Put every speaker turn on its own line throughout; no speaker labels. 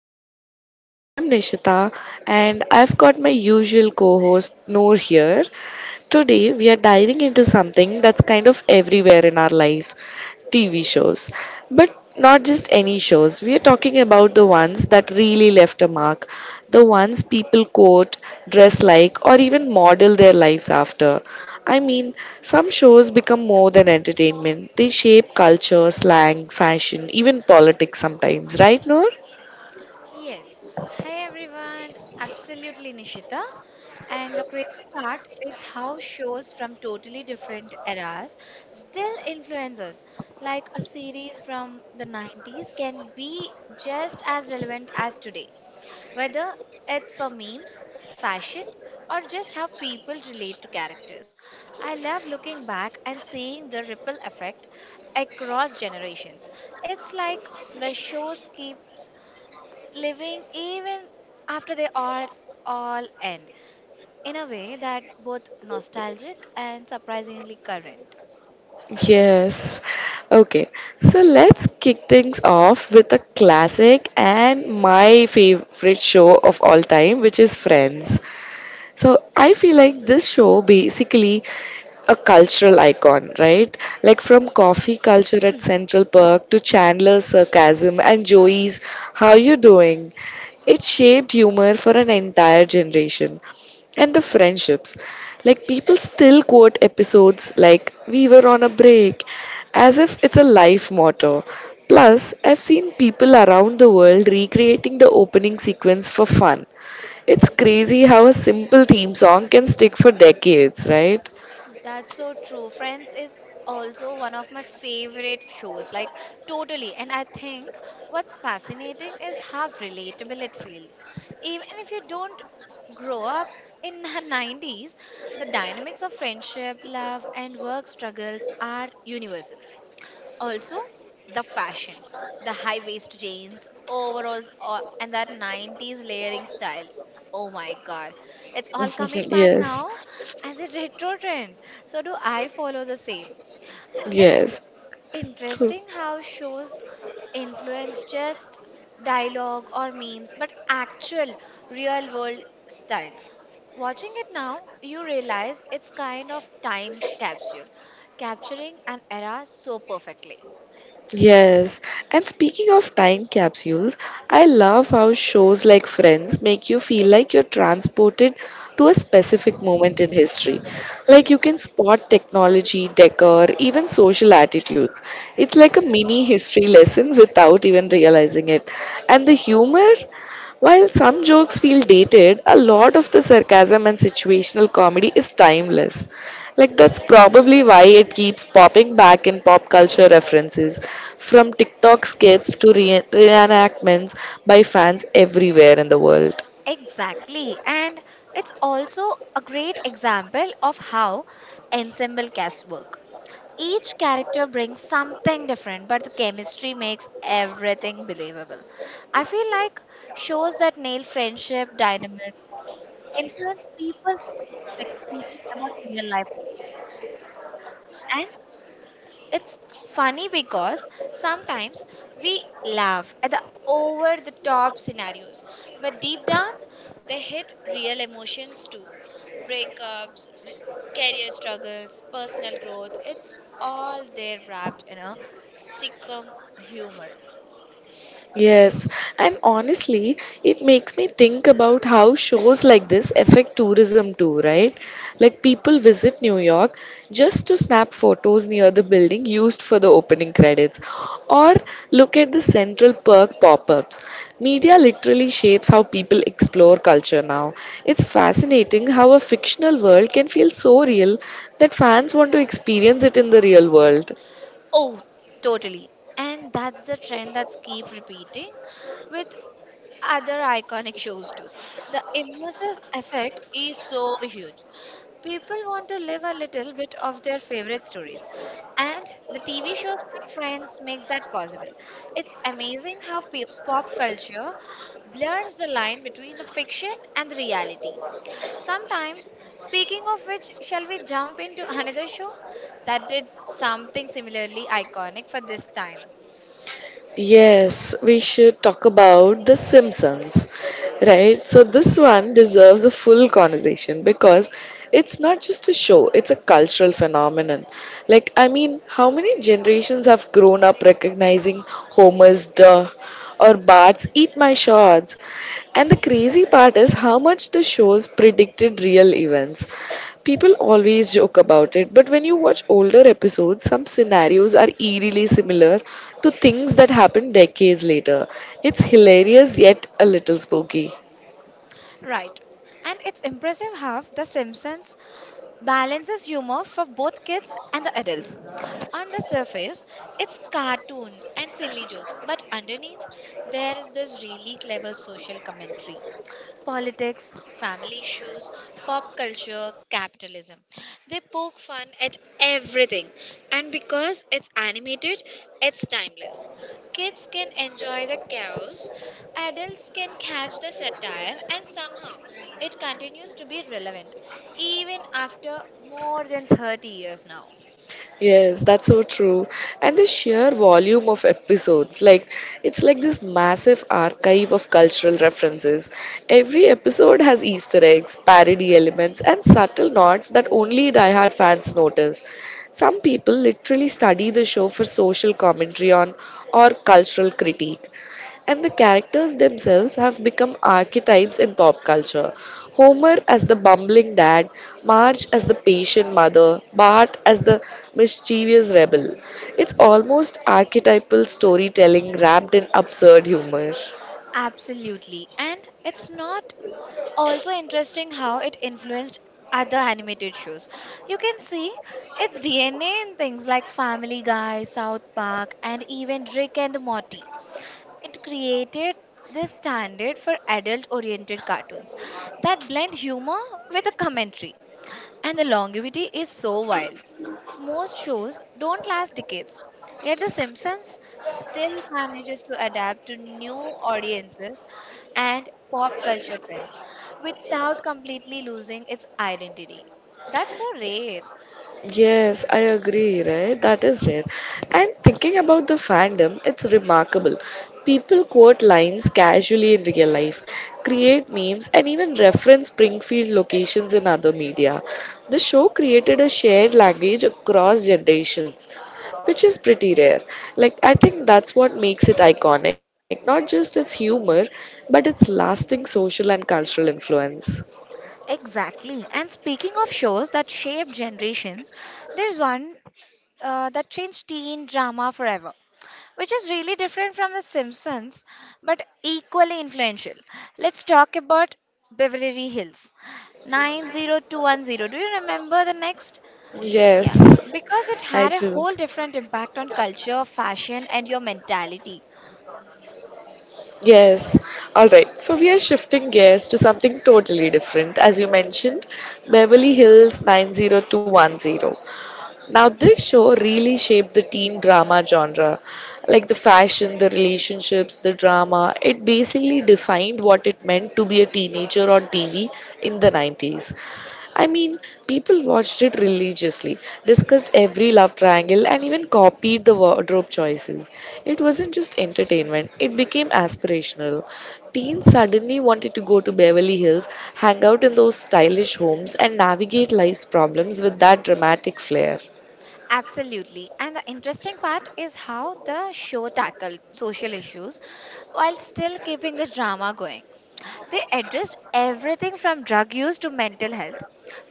podcast. I am Nishita and I've got my usual co host Noor here. Today we are diving into something that's kind of everywhere in our lives TV shows. But not just any shows. We are talking about the ones that really left a mark, the ones people quote, dress like, or even model their lives after. I mean, some shows become more than entertainment, they shape culture, slang, fashion, even politics sometimes, right, Noor?
Yes. Hi everyone. Absolutely, Nishita. And the crazy part is how shows from totally different eras still influence us. Like a series from the 90s can be just as relevant as today, whether it's for memes, fashion, or just how people relate to characters. I love looking back and seeing the ripple effect across generations. It's like the shows keeps living even after they all end in a way that both nostalgic and surprisingly current.
Yes. Okay. So let's kick things off with a classic and my favorite show of all time, which is Friends. So I feel like this show basically a cultural icon, right? Like from
Yeah,
coffee culture at Central Park to Chandler's sarcasm and Joey's how you doing? It shaped humor for an entire generation. And the friendships. Like people still quote episodes like we were on a break as if it's a life motto. Plus, I've seen people around the world recreating the opening sequence for fun it's crazy how a simple theme song can stick for decades, right?
that's so true. Friends is also one of my favorite shows, like totally. And I think what's fascinating is how relatable it feels. Even if you don't grow up in the 90s, the dynamics of friendship, love, and work struggles are universal. Also, the fashion, the high waist jeans, overalls, and that 90s layering style. Oh my god, it's all coming back
yes,
now as a retro trend. So, do I follow the same? It's
yes. True.
interesting how shows influence just dialogue or memes, but actual real world styles. Watching it now, you realize it's kind of time capsule, capturing an era so perfectly.
Yes, and speaking of time capsules, I love how shows like Friends make you feel like you're transported to a specific moment in history. Like you can spot technology, decor, even social attitudes. It's like a mini history lesson without even realizing it. And the humor, while some jokes feel dated, a lot of the sarcasm and situational comedy is timeless. Like that's probably why it keeps popping back in pop culture references, from TikTok skits to reenactments by fans everywhere in the world.
Exactly. And it's also a great example of how ensemble casts work. Each character brings something different, but the chemistry makes everything believable. I feel like shows that nail friendship dynamics influence people's expectations about real life relations. It's funny because sometimes we laugh at the over the top scenarios, but deep down, they hit real emotions too. Breakups, career struggles, personal growth, it's all there wrapped in a stickum humor.
Yes, and honestly, it makes me think about how shows like this affect tourism too, right? Like people visit New York just to snap photos near the building used for the opening credits or look at the Central Park pop ups. Media literally shapes how people explore culture now. It's fascinating how a fictional world can feel so real that fans want to experience it in the real world.
Oh, totally. And that's the trend that's keep repeating with other iconic shows too. The immersive effect is so huge. People want to live a little bit of their favorite stories, and the TV shows like Friends makes that possible. It's amazing how pop culture blurs the line between the fiction and the reality. Sometimes, speaking of which, shall we jump into another show that did something similarly iconic for this time?
Yes, we should talk about The Simpsons, right? So, this
Yeah.
one deserves a full conversation because it's not just a show, it's a cultural phenomenon. Like, I mean, how many generations have grown up recognizing Homer's duh or Bart's eat my shorts? And the crazy part is how much the shows predicted real events. People always joke about it, but when you watch older episodes, some scenarios are eerily similar to things that happen decades later. It's hilarious yet a little spooky.
Right. And it's impressive how The Simpsons balances humor for both kids and the adults. On the surface, it's cartoon and silly jokes, but underneath, there is this really clever social commentary politics, family issues, pop culture, capitalism. They poke fun at everything, and because it's animated, it's timeless. Kids can enjoy the chaos, adults can catch the satire, and somehow it continues to be relevant even after more than 30 years now.
Yes, that's so true. And the sheer volume of episodes, like it's like this massive archive of cultural references. Every episode has Easter eggs, parody elements, and subtle nods that only diehard fans notice. Some people literally study the show for social commentary on or cultural critique and the characters themselves have become archetypes in pop culture. Homer as the bumbling dad, Marge as the patient mother, Bart as the mischievous rebel. It's almost archetypal storytelling wrapped in absurd humor.
Absolutely. And it's not also interesting how it influenced other animated shows. You can see its DNA in things like Family Guy, South Park, and even Rick and Morty. It created this standard for adult oriented cartoons that blend humor with a commentary and the longevity is so wild. Most shows don't last decades, yet The Simpsons still manages to adapt to new audiences and pop culture trends without completely losing its identity. That's so rare.
Yes, I agree, right? That is rare. And thinking about the fandom, it's remarkable. People quote lines casually in real life, create memes, and even reference Springfield locations in other media. The show created a shared language across generations, which is pretty rare. Like, I think that's what makes it iconic, not just its humor, but its lasting social and cultural influence.
Exactly. And speaking of shows that shaped generations, there's one that changed teen drama forever, which is really different from The Simpsons, but equally influential. Let's talk about Beverly Hills 90210. Do you remember the next? Yeah,
Yes,
because it
I
had a
do.
whole different impact on culture, fashion, and your mentality.
Yes. All right. So we are shifting gears to something totally different. As you mentioned, Beverly Hills 90210. Now, this show really shaped the teen drama genre. Like the fashion, the relationships, the drama, it basically defined what it meant to be a teenager on TV in the 90s. I mean, people watched it religiously, discussed every love triangle, and even copied the wardrobe choices. It wasn't just entertainment, it became aspirational. Teens suddenly wanted to go to Beverly Hills, hang out in those stylish homes, and navigate life's problems with that dramatic flair.
Absolutely. And the interesting part is how the show tackled social issues while still keeping the drama going. They addressed everything from drug use to mental health,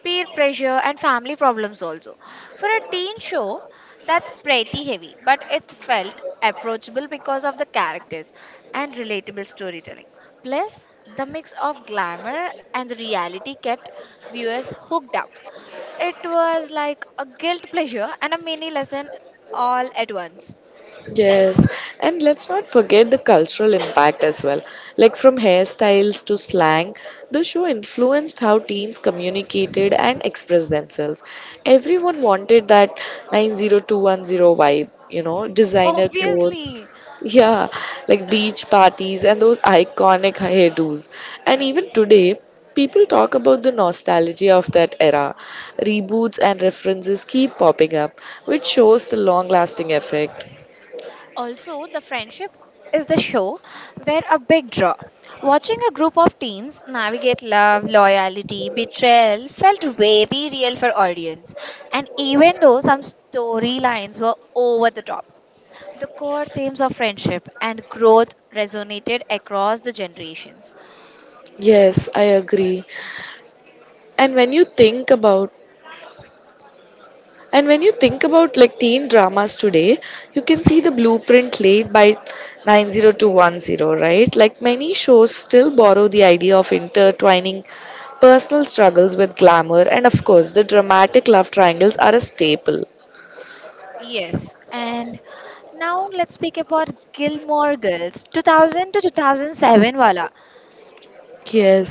peer pressure, and family problems also. For a teen show, that's pretty heavy, but it felt approachable because of the characters and relatable storytelling. Plus, the mix of glamour and the reality kept viewers hooked up. It was like a guilt pleasure and a mini lesson all at once.
Yes, and let's not forget the cultural impact as well. Like from hairstyles to slang, the show influenced how teens communicated and expressed themselves. Everyone wanted that 90210 vibe, you know, designer
Obviously,
clothes. Yeah, like beach parties and those iconic hairdos. And even today, people talk about the nostalgia of that era. Reboots and references keep popping up, which shows the long lasting effect.
also, the friendship is the show where a big draw. Watching a group of teens navigate love, loyalty, betrayal felt very real for audience. And even though some storylines were over the top, the core themes of friendship and growth resonated across the generations.
Yes, I agree. And when you think about and when you think about like teen dramas today, you can see the blueprint laid by 90210, right? Like many shows still borrow the idea of intertwining personal struggles with glamour and of course the dramatic love triangles are a staple.
Yes, and now let's speak about Gilmore Girls 2000 to 2007 wala.
Yes.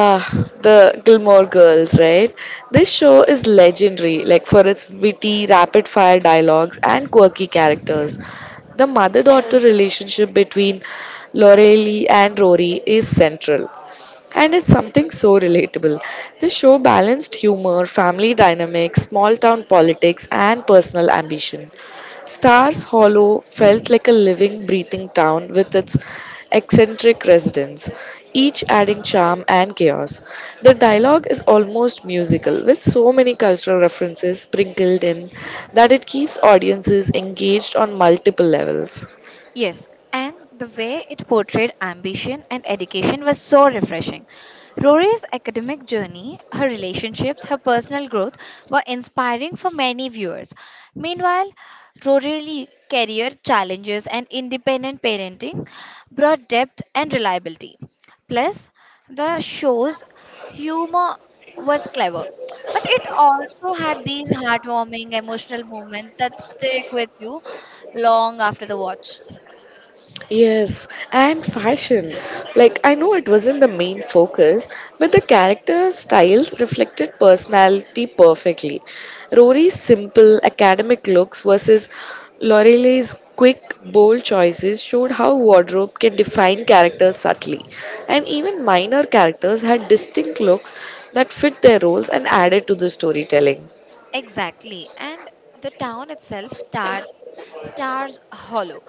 Ah, the Gilmore Girls, right? This show is legendary, like for its witty, rapid fire dialogues and quirky characters. The mother daughter relationship between Lorelei and Rory is central, and it's something so relatable. The show balanced humor, family dynamics, small town politics, and personal ambition. Stars Hollow felt like a living, breathing town with its eccentric residents, each adding charm and chaos. The dialogue is almost musical, with so many cultural references sprinkled in that it keeps audiences engaged on multiple levels.
Yes, and the way it portrayed ambition and education was so refreshing. Rory's academic journey, her relationships, her personal growth were inspiring for many viewers. Meanwhile, Rory's career challenges and independent parenting brought depth and reliability. Plus, the show's humor was clever, but it also had these heartwarming emotional moments that stick with you long after the watch.
Yes, and fashion. Like, I know it wasn't the main focus, but the character styles reflected personality perfectly. Rory's simple academic looks versus Lorelai's quick, bold choices showed how wardrobe can define characters subtly. And even minor characters had distinct looks that fit their roles and added to the storytelling.
Exactly. And the town itself, Stars Hollow,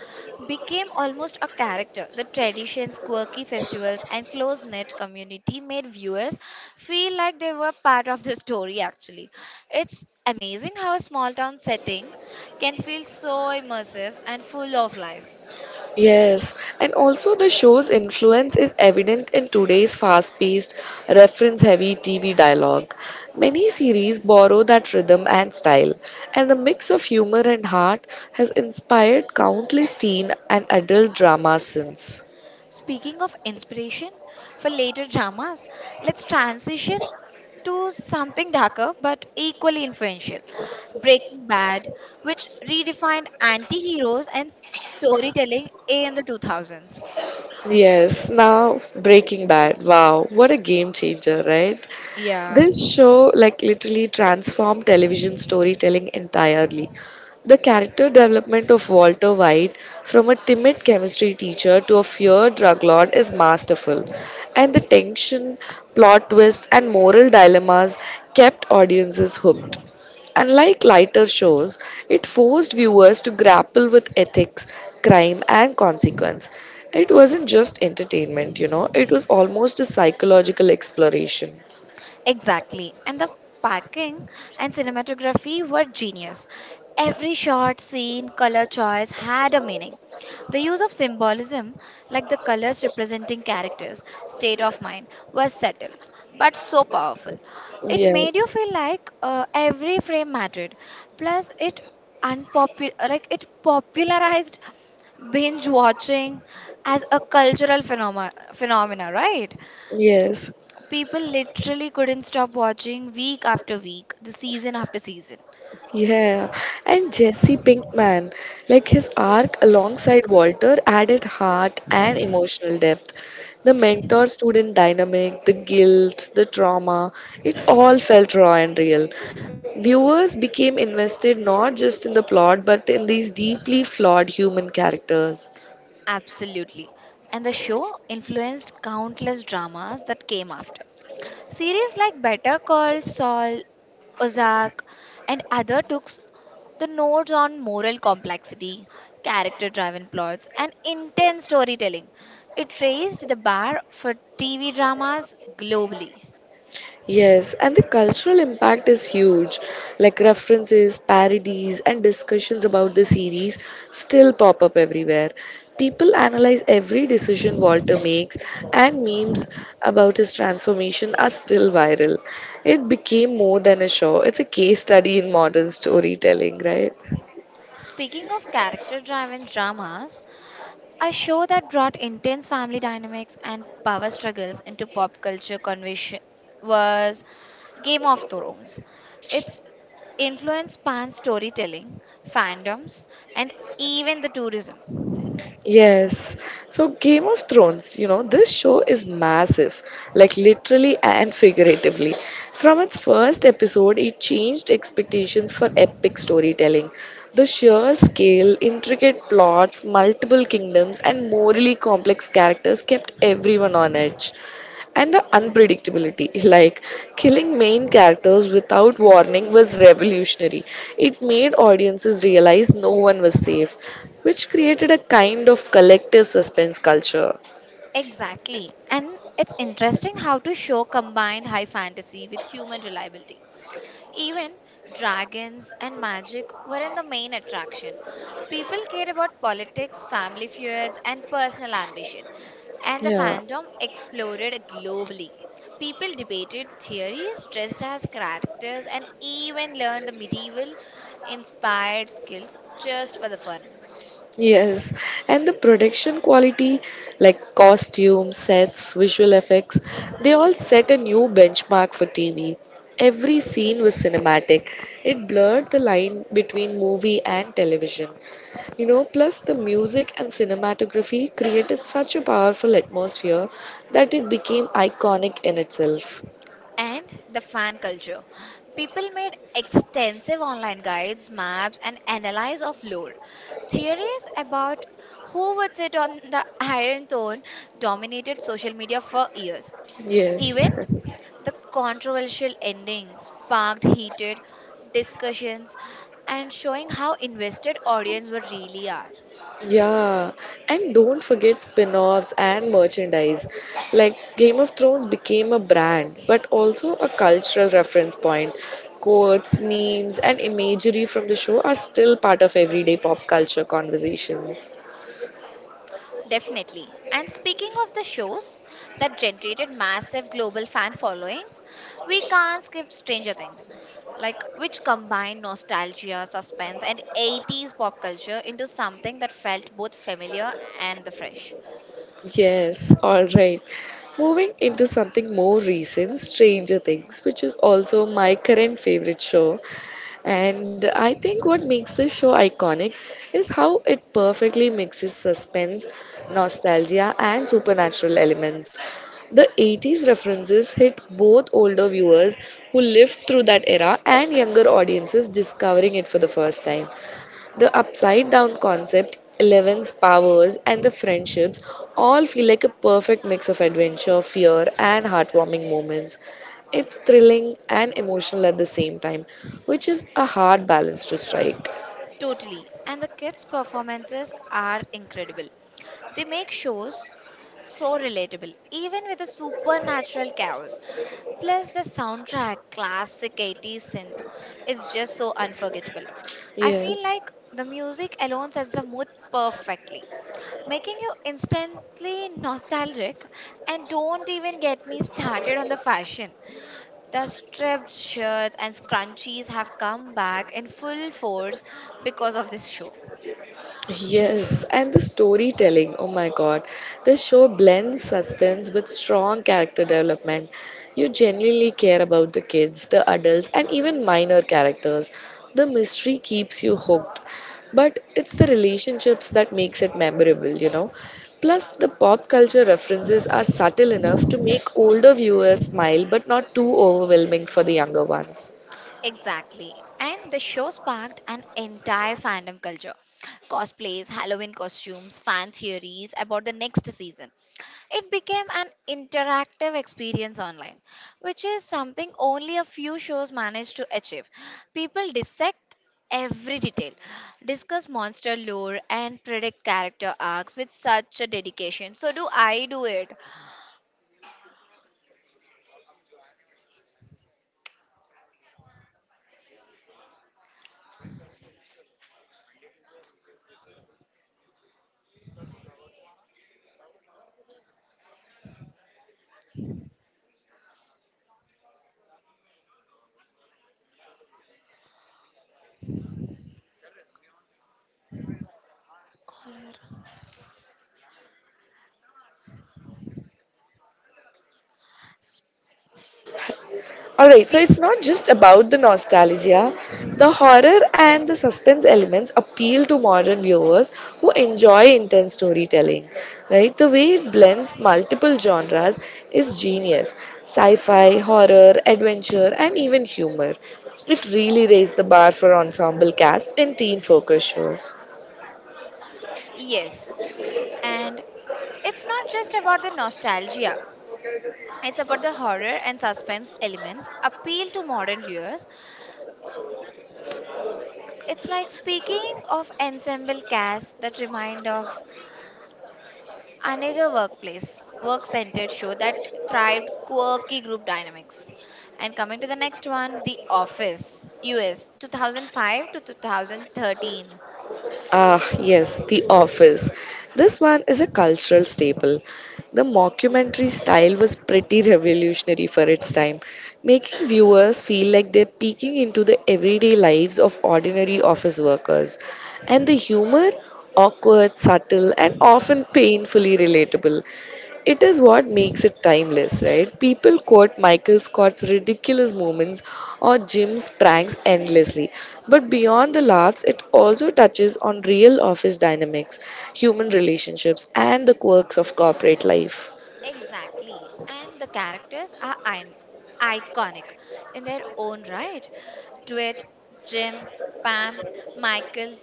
became almost a character. The traditions, quirky festivals, and close knit community made viewers feel like they were part of the story, actually. It's amazing how a small town setting can feel so immersive and full of life.
Yes, and also the show's influence is evident in today's fast paced, reference heavy TV dialogue. Many series borrow that rhythm and style, and the mix of humor and heart has inspired countless teen and adult dramas since.
Speaking of inspiration for later dramas, let's transition to something darker but equally influential Breaking Bad, which redefined anti heroes and storytelling in the 2000s.
Yes, now Breaking Bad. Wow, what a game changer, right?
Yeah.
This show like literally transformed television storytelling entirely. The character development of Walter White from a timid chemistry teacher to a feared drug lord is masterful, and the tension, plot twists, and moral dilemmas kept audiences hooked. Unlike lighter shows, it forced viewers to grapple with ethics, crime, and consequence. It wasn't just entertainment, you know, it was almost a psychological exploration.
Exactly. And the packing and cinematography were genius. Every shot, scene, color choice had a meaning. The use of symbolism, like the colors representing characters, state of mind, was subtle but so powerful. It
Yeah.
made you feel like every frame mattered. Plus, it unpopular like it popularized binge watching as a cultural phenomena, right?
Yes,
People literally couldn't stop watching week after week, the season after season.
yeah. And Jesse Pinkman, like his arc alongside Walter, added heart and emotional depth. The mentor student dynamic, the guilt, the trauma, it all felt raw and real. Viewers became invested not just in the plot but in these deeply flawed human characters.
Absolutely. And the show influenced countless dramas that came after. Series like Better Call Saul, Ozark, and other took the notes on moral complexity, character driven plots, and intense storytelling. It raised the bar for TV dramas globally.
Yes, and the cultural impact is huge. Like references, parodies, and discussions about the series still pop up everywhere. People analyze every decision Walter makes, and memes about his transformation are still viral. It became more than a show, it's a case study in modern storytelling, right?
Speaking of character driven dramas, a show that brought intense family dynamics and power struggles into pop culture conversation was Game of Thrones. Its influence spans storytelling, fandoms, and even the tourism.
Yes. So Game of Thrones, you know, this show is massive, like literally and figuratively. From its first episode, it changed expectations for epic storytelling. The sheer scale, intricate plots, multiple kingdoms, and morally complex characters kept everyone on edge and the unpredictability like killing main characters without warning was revolutionary. It made audiences realize no one was safe, which created a kind of collective suspense culture.
Exactly. And it's interesting how to show combined high fantasy with human reliability. Even dragons and magic weren't the main attraction. People cared about politics, family feuds, and personal ambition, and the
Yeah.
fandom exploded globally. People debated theories, dressed as characters, and even learned the medieval inspired skills just for the fun.
Yes, and the production quality like costumes sets visual effects they all set a new benchmark for TV. Every scene was cinematic, it blurred the line between movie and television. You know, plus the music and cinematography created such a powerful atmosphere that it became iconic in itself.
And the fan culture. People made extensive online guides, maps, and analysis of lore. Theories about who would sit on the Iron Throne dominated social media for years.
Yes.
Even the controversial ending sparked heated discussions and showing how invested audience were really are.
Yeah, and don't forget spin offs and merchandise. Like Game of Thrones became a brand, but also a cultural reference point. Quotes, memes, and imagery from the show are still part of everyday pop culture conversations.
Definitely. And speaking of the shows that generated massive global fan followings, we can't skip Stranger Things, like which combined nostalgia, suspense, and 80s pop culture into something that felt both familiar and the fresh.
Yes, all right. Moving into something more recent, Stranger Things, which is also my current favorite show. And I think what makes this show iconic is how it perfectly mixes suspense, nostalgia, and supernatural elements. The 80s references hit both older viewers who lived through that era and younger audiences discovering it for the first time. The upside down concept, Eleven's powers, and the friendships all feel like a perfect mix of adventure, fear, and heartwarming moments. It's thrilling and emotional at the same time, which is a hard balance to strike.
Totally. And the kids' performances are incredible. They make shows so relatable, even with the supernatural chaos. Plus, the soundtrack, classic 80s synth, it's just so unforgettable. I feel
Yes.
like the music alone sets the mood perfectly, making you instantly nostalgic. And don't even get me started on the fashion. The striped shirts and scrunchies have come back in full force because of this show.
Yes, and the storytelling, oh my god. The show blends suspense with strong character development. You genuinely care about the kids, the adults, and even minor characters. The mystery keeps you hooked, but it's the relationships that makes it memorable, you know. Plus, the pop culture references are subtle enough to make older viewers smile, but not too overwhelming for the younger ones.
Exactly. And the show sparked an entire fandom culture. Cosplays, Halloween costumes, fan theories about the next season. It became an interactive experience online, which is something only a few shows managed to achieve. People dissect every detail, discuss monster lore, and predict character arcs with such a dedication. So, do I do it? Collar. Spe-
Alright, so it's not just about the nostalgia. The horror and the suspense elements appeal to modern viewers who enjoy intense storytelling. Right? The way it blends multiple genres is genius. Sci-fi, horror, adventure, and even humor. It really raised the bar for ensemble casts in teen focus shows.
yes. And it's not just about the nostalgia. It's about the horror and suspense elements appeal to modern viewers. It's like speaking of ensemble casts that remind of another workplace, work-centered show that thrived quirky group dynamics. And coming to the next one, The Office, US 2005 to 2013.
Ah, yes, The Office. This one is a cultural staple. The mockumentary style was pretty revolutionary for its time, making viewers feel like they're peeking into the everyday lives of ordinary office workers. And the humor, awkward, subtle, and often painfully relatable, it is what makes it timeless, right? People quote Michael Scott's ridiculous moments or Jim's pranks endlessly. But beyond the laughs, it also touches on real office dynamics, human relationships, and the quirks of corporate life.
Exactly. And the characters are iconic in their own right. Dwight, Jim, Pam, Michael,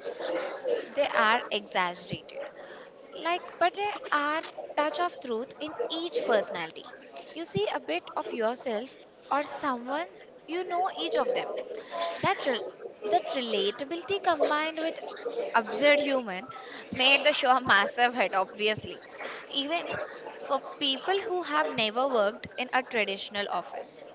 they are exaggerated. Like, but there are touch of truth in each personality. You see a bit of yourself or someone you know each of them. That rel that relatability combined with absurd humor made the show a massive hit, obviously, even for people who have never worked in a traditional office.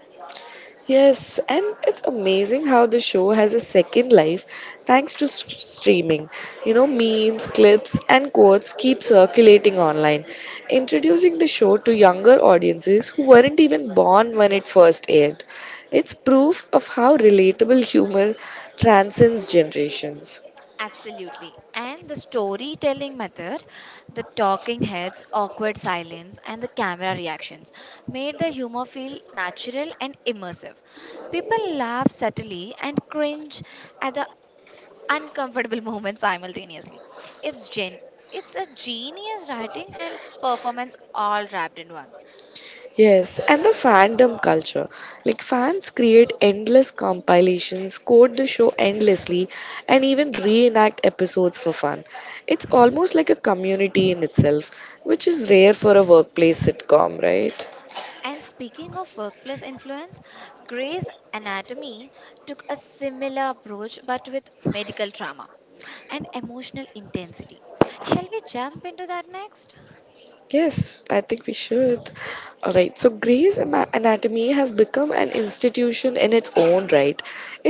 Yes, and it's amazing how the show has a second life thanks to streaming. You know, memes, clips, and quotes keep circulating online, introducing the show to younger audiences who weren't even born when it first aired. It's proof of how relatable humor transcends generations.
Absolutely. And the storytelling method, the talking heads, awkward silence, and the camera reactions made the humor feel natural and immersive. People laugh subtly and cringe at the uncomfortable moments simultaneously. It's gen it's a genius writing and performance all wrapped in one.
Yes, and the fandom culture. Like, fans create endless compilations, quote the show endlessly, and even reenact episodes for fun. It's almost like a community in itself, which is rare for a workplace sitcom, right?
And speaking of workplace influence, Grey's Anatomy took a similar approach but with medical trauma and emotional intensity. Shall we jump into that next?
Yes, I think we should. All right. So, Grey's Anatomy has become an institution in its own right.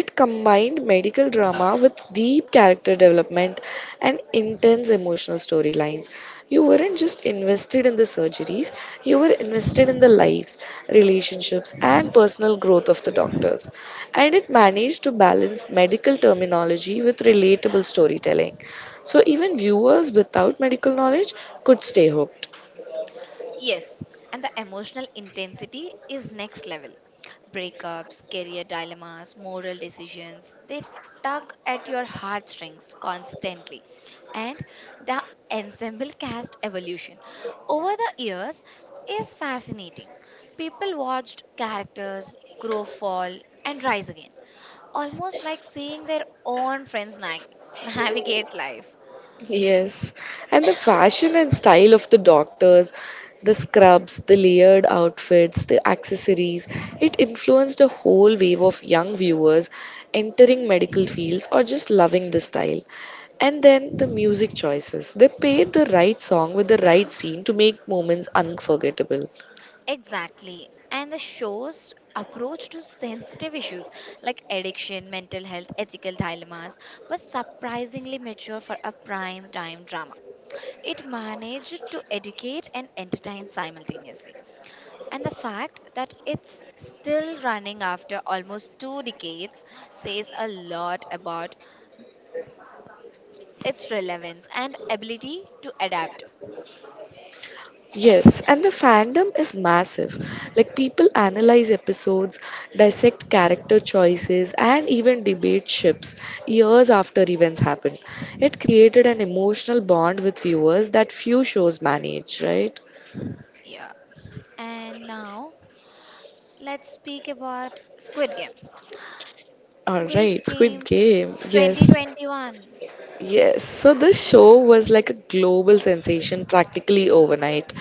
It combined medical drama with deep character development and intense emotional storylines. You weren't just invested in the surgeries, you were invested in the lives, relationships, and personal growth of the doctors. And it managed to balance medical terminology with relatable storytelling. So, even viewers without medical knowledge could stay hooked.
Yes, and the emotional intensity is next level. Breakups, career dilemmas, moral decisions, they tug at your heartstrings constantly. And the ensemble cast evolution over the years is fascinating. People watched characters grow, fall, and rise again, almost like seeing their own friends navigate life.
Yes, and the fashion and style of the doctors, the scrubs, the layered outfits, the accessories, it influenced a whole wave of young viewers entering medical fields or just loving the style. And then the music choices. They paired the right song with the right scene to make moments unforgettable.
Exactly. And the show's approach to sensitive issues like addiction, mental health, ethical dilemmas was surprisingly mature for a prime time drama. It managed to educate and entertain simultaneously. And the fact that it's still running after almost two decades says a lot about its relevance and ability to adapt.
Yes, and the fandom is massive. Like, people analyze episodes, dissect character choices, and even debate ships years after events happen. It created an emotional bond with viewers that few shows manage, right?
Yeah. And now let's speak about Squid Game. Squid
Alright, Squid
Game
Game. Yes.
2021.
Yes, so this show was like a global sensation practically overnight.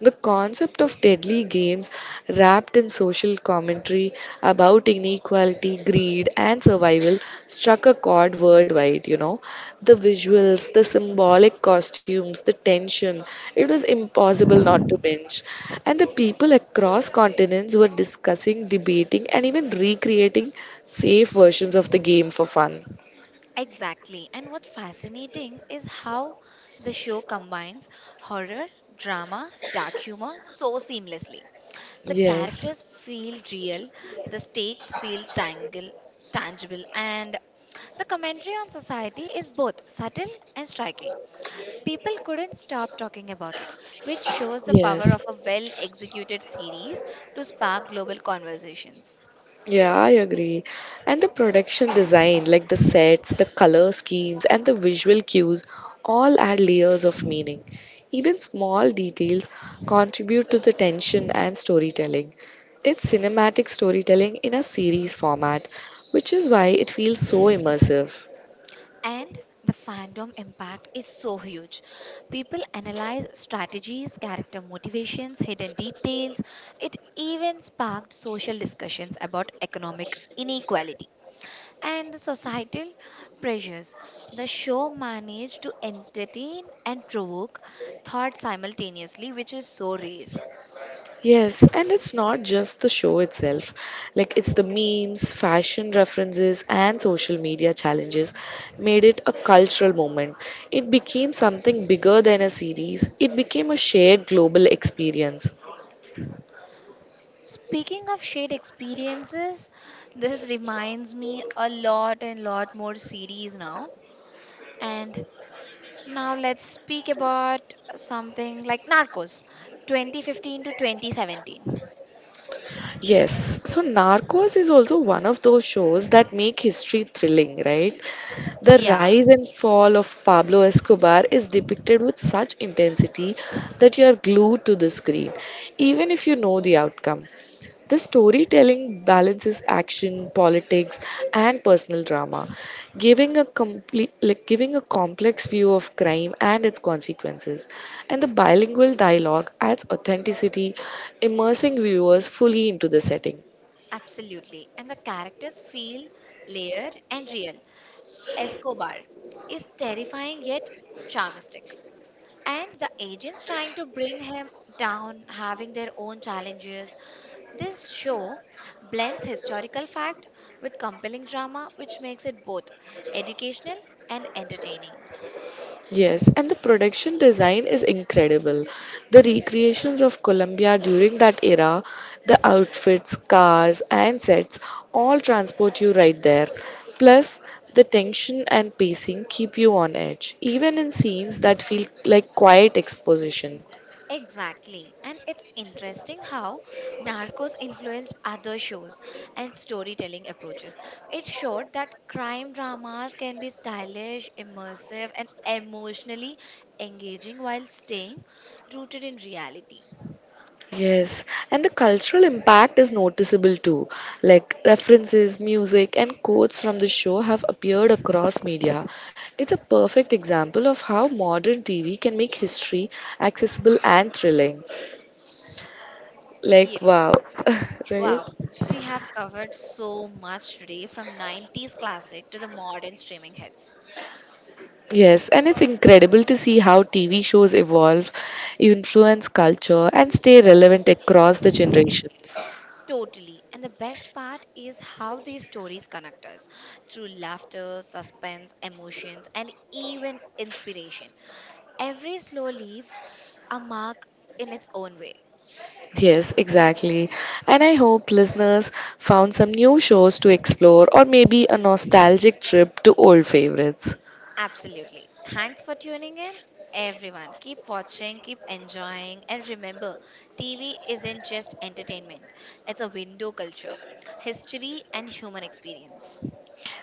The concept of deadly games wrapped in social commentary about inequality, greed, and survival struck a chord worldwide, The visuals, the symbolic costumes, the tension, it was impossible not to binge. And the people across continents were discussing, debating, and even recreating safe versions of the game for fun.
Exactly. And what's fascinating is how the show combines horror, drama, dark humor so seamlessly. The
Yes,
characters feel real, the stakes feel tangible, and the commentary on society is both subtle and striking. People couldn't stop talking about it, which shows the power of
yes.
a well executed series to spark global conversations.
Yeah, I agree. And the production design, like the sets, the color schemes, and the visual cues, all add layers of meaning. Even small details contribute to the tension and storytelling. It's cinematic storytelling in a series format, which is why it feels so immersive.
And the fandom impact is so huge. People analyze strategies, character motivations, hidden details. It even sparked social discussions about economic inequality and the societal pressures. The show managed to entertain and provoke thought simultaneously, which is so rare.
Yes, and it's not just the show itself. Like, it's the memes, fashion references, and social media challenges made it a cultural moment. It became something bigger than a series, it became a shared global experience.
Speaking of shared experiences, this reminds me a lot and lot more series now. And now let's speak about something like Narcos 2015 to 2017.
Yes, so Narcos is also one of those shows that make history thrilling, right? The
Yeah,
rise and fall of Pablo Escobar is depicted with such intensity that you are glued to the screen, even if you know the outcome. The storytelling balances action, politics, and personal drama, giving a complete, like, giving a complex view of crime and its consequences. And the bilingual dialogue adds authenticity, immersing viewers fully into the setting.
absolutely. And the characters feel layered and real. Escobar is terrifying yet charmistic. And the agents trying to bring him down, having their own challenges. This show blends historical fact with compelling drama, which makes it both educational and entertaining.
Yes, and the production design is incredible. The recreations of Colombia during that era, the outfits, cars, and sets all transport you right there. Plus, the tension and pacing keep you on edge, even in scenes that feel like quiet exposition.
Exactly. And it's interesting how Narcos influenced other shows and storytelling approaches. It showed that crime dramas can be stylish, immersive, and emotionally engaging while staying rooted in reality.
Yes, and the cultural impact is noticeable too. Like, references, music, and quotes from the show have appeared across media. It's a perfect example of how modern TV can make history accessible and thrilling.
Yeah.
Like, wow, right?
Wow, we have covered so much today from 90s classic to the modern streaming hits.
Yes, and it's incredible to see how TV shows evolve, influence culture, and stay relevant across the generations.
Totally. And the best part is how these stories connect us through laughter, suspense, emotions, and even inspiration. Every slow leaf, a mark in its own way.
Yes, exactly. And I hope listeners found some new shows to explore or maybe a nostalgic trip to old favorites.
Absolutely. Thanks for tuning in, everyone. Keep watching, keep enjoying, and remember TV isn't just entertainment, it's a window culture, history, and human experience.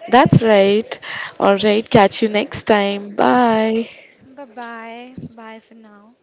That's right. All right, catch you next time. Bye.
Bye bye. Bye for now.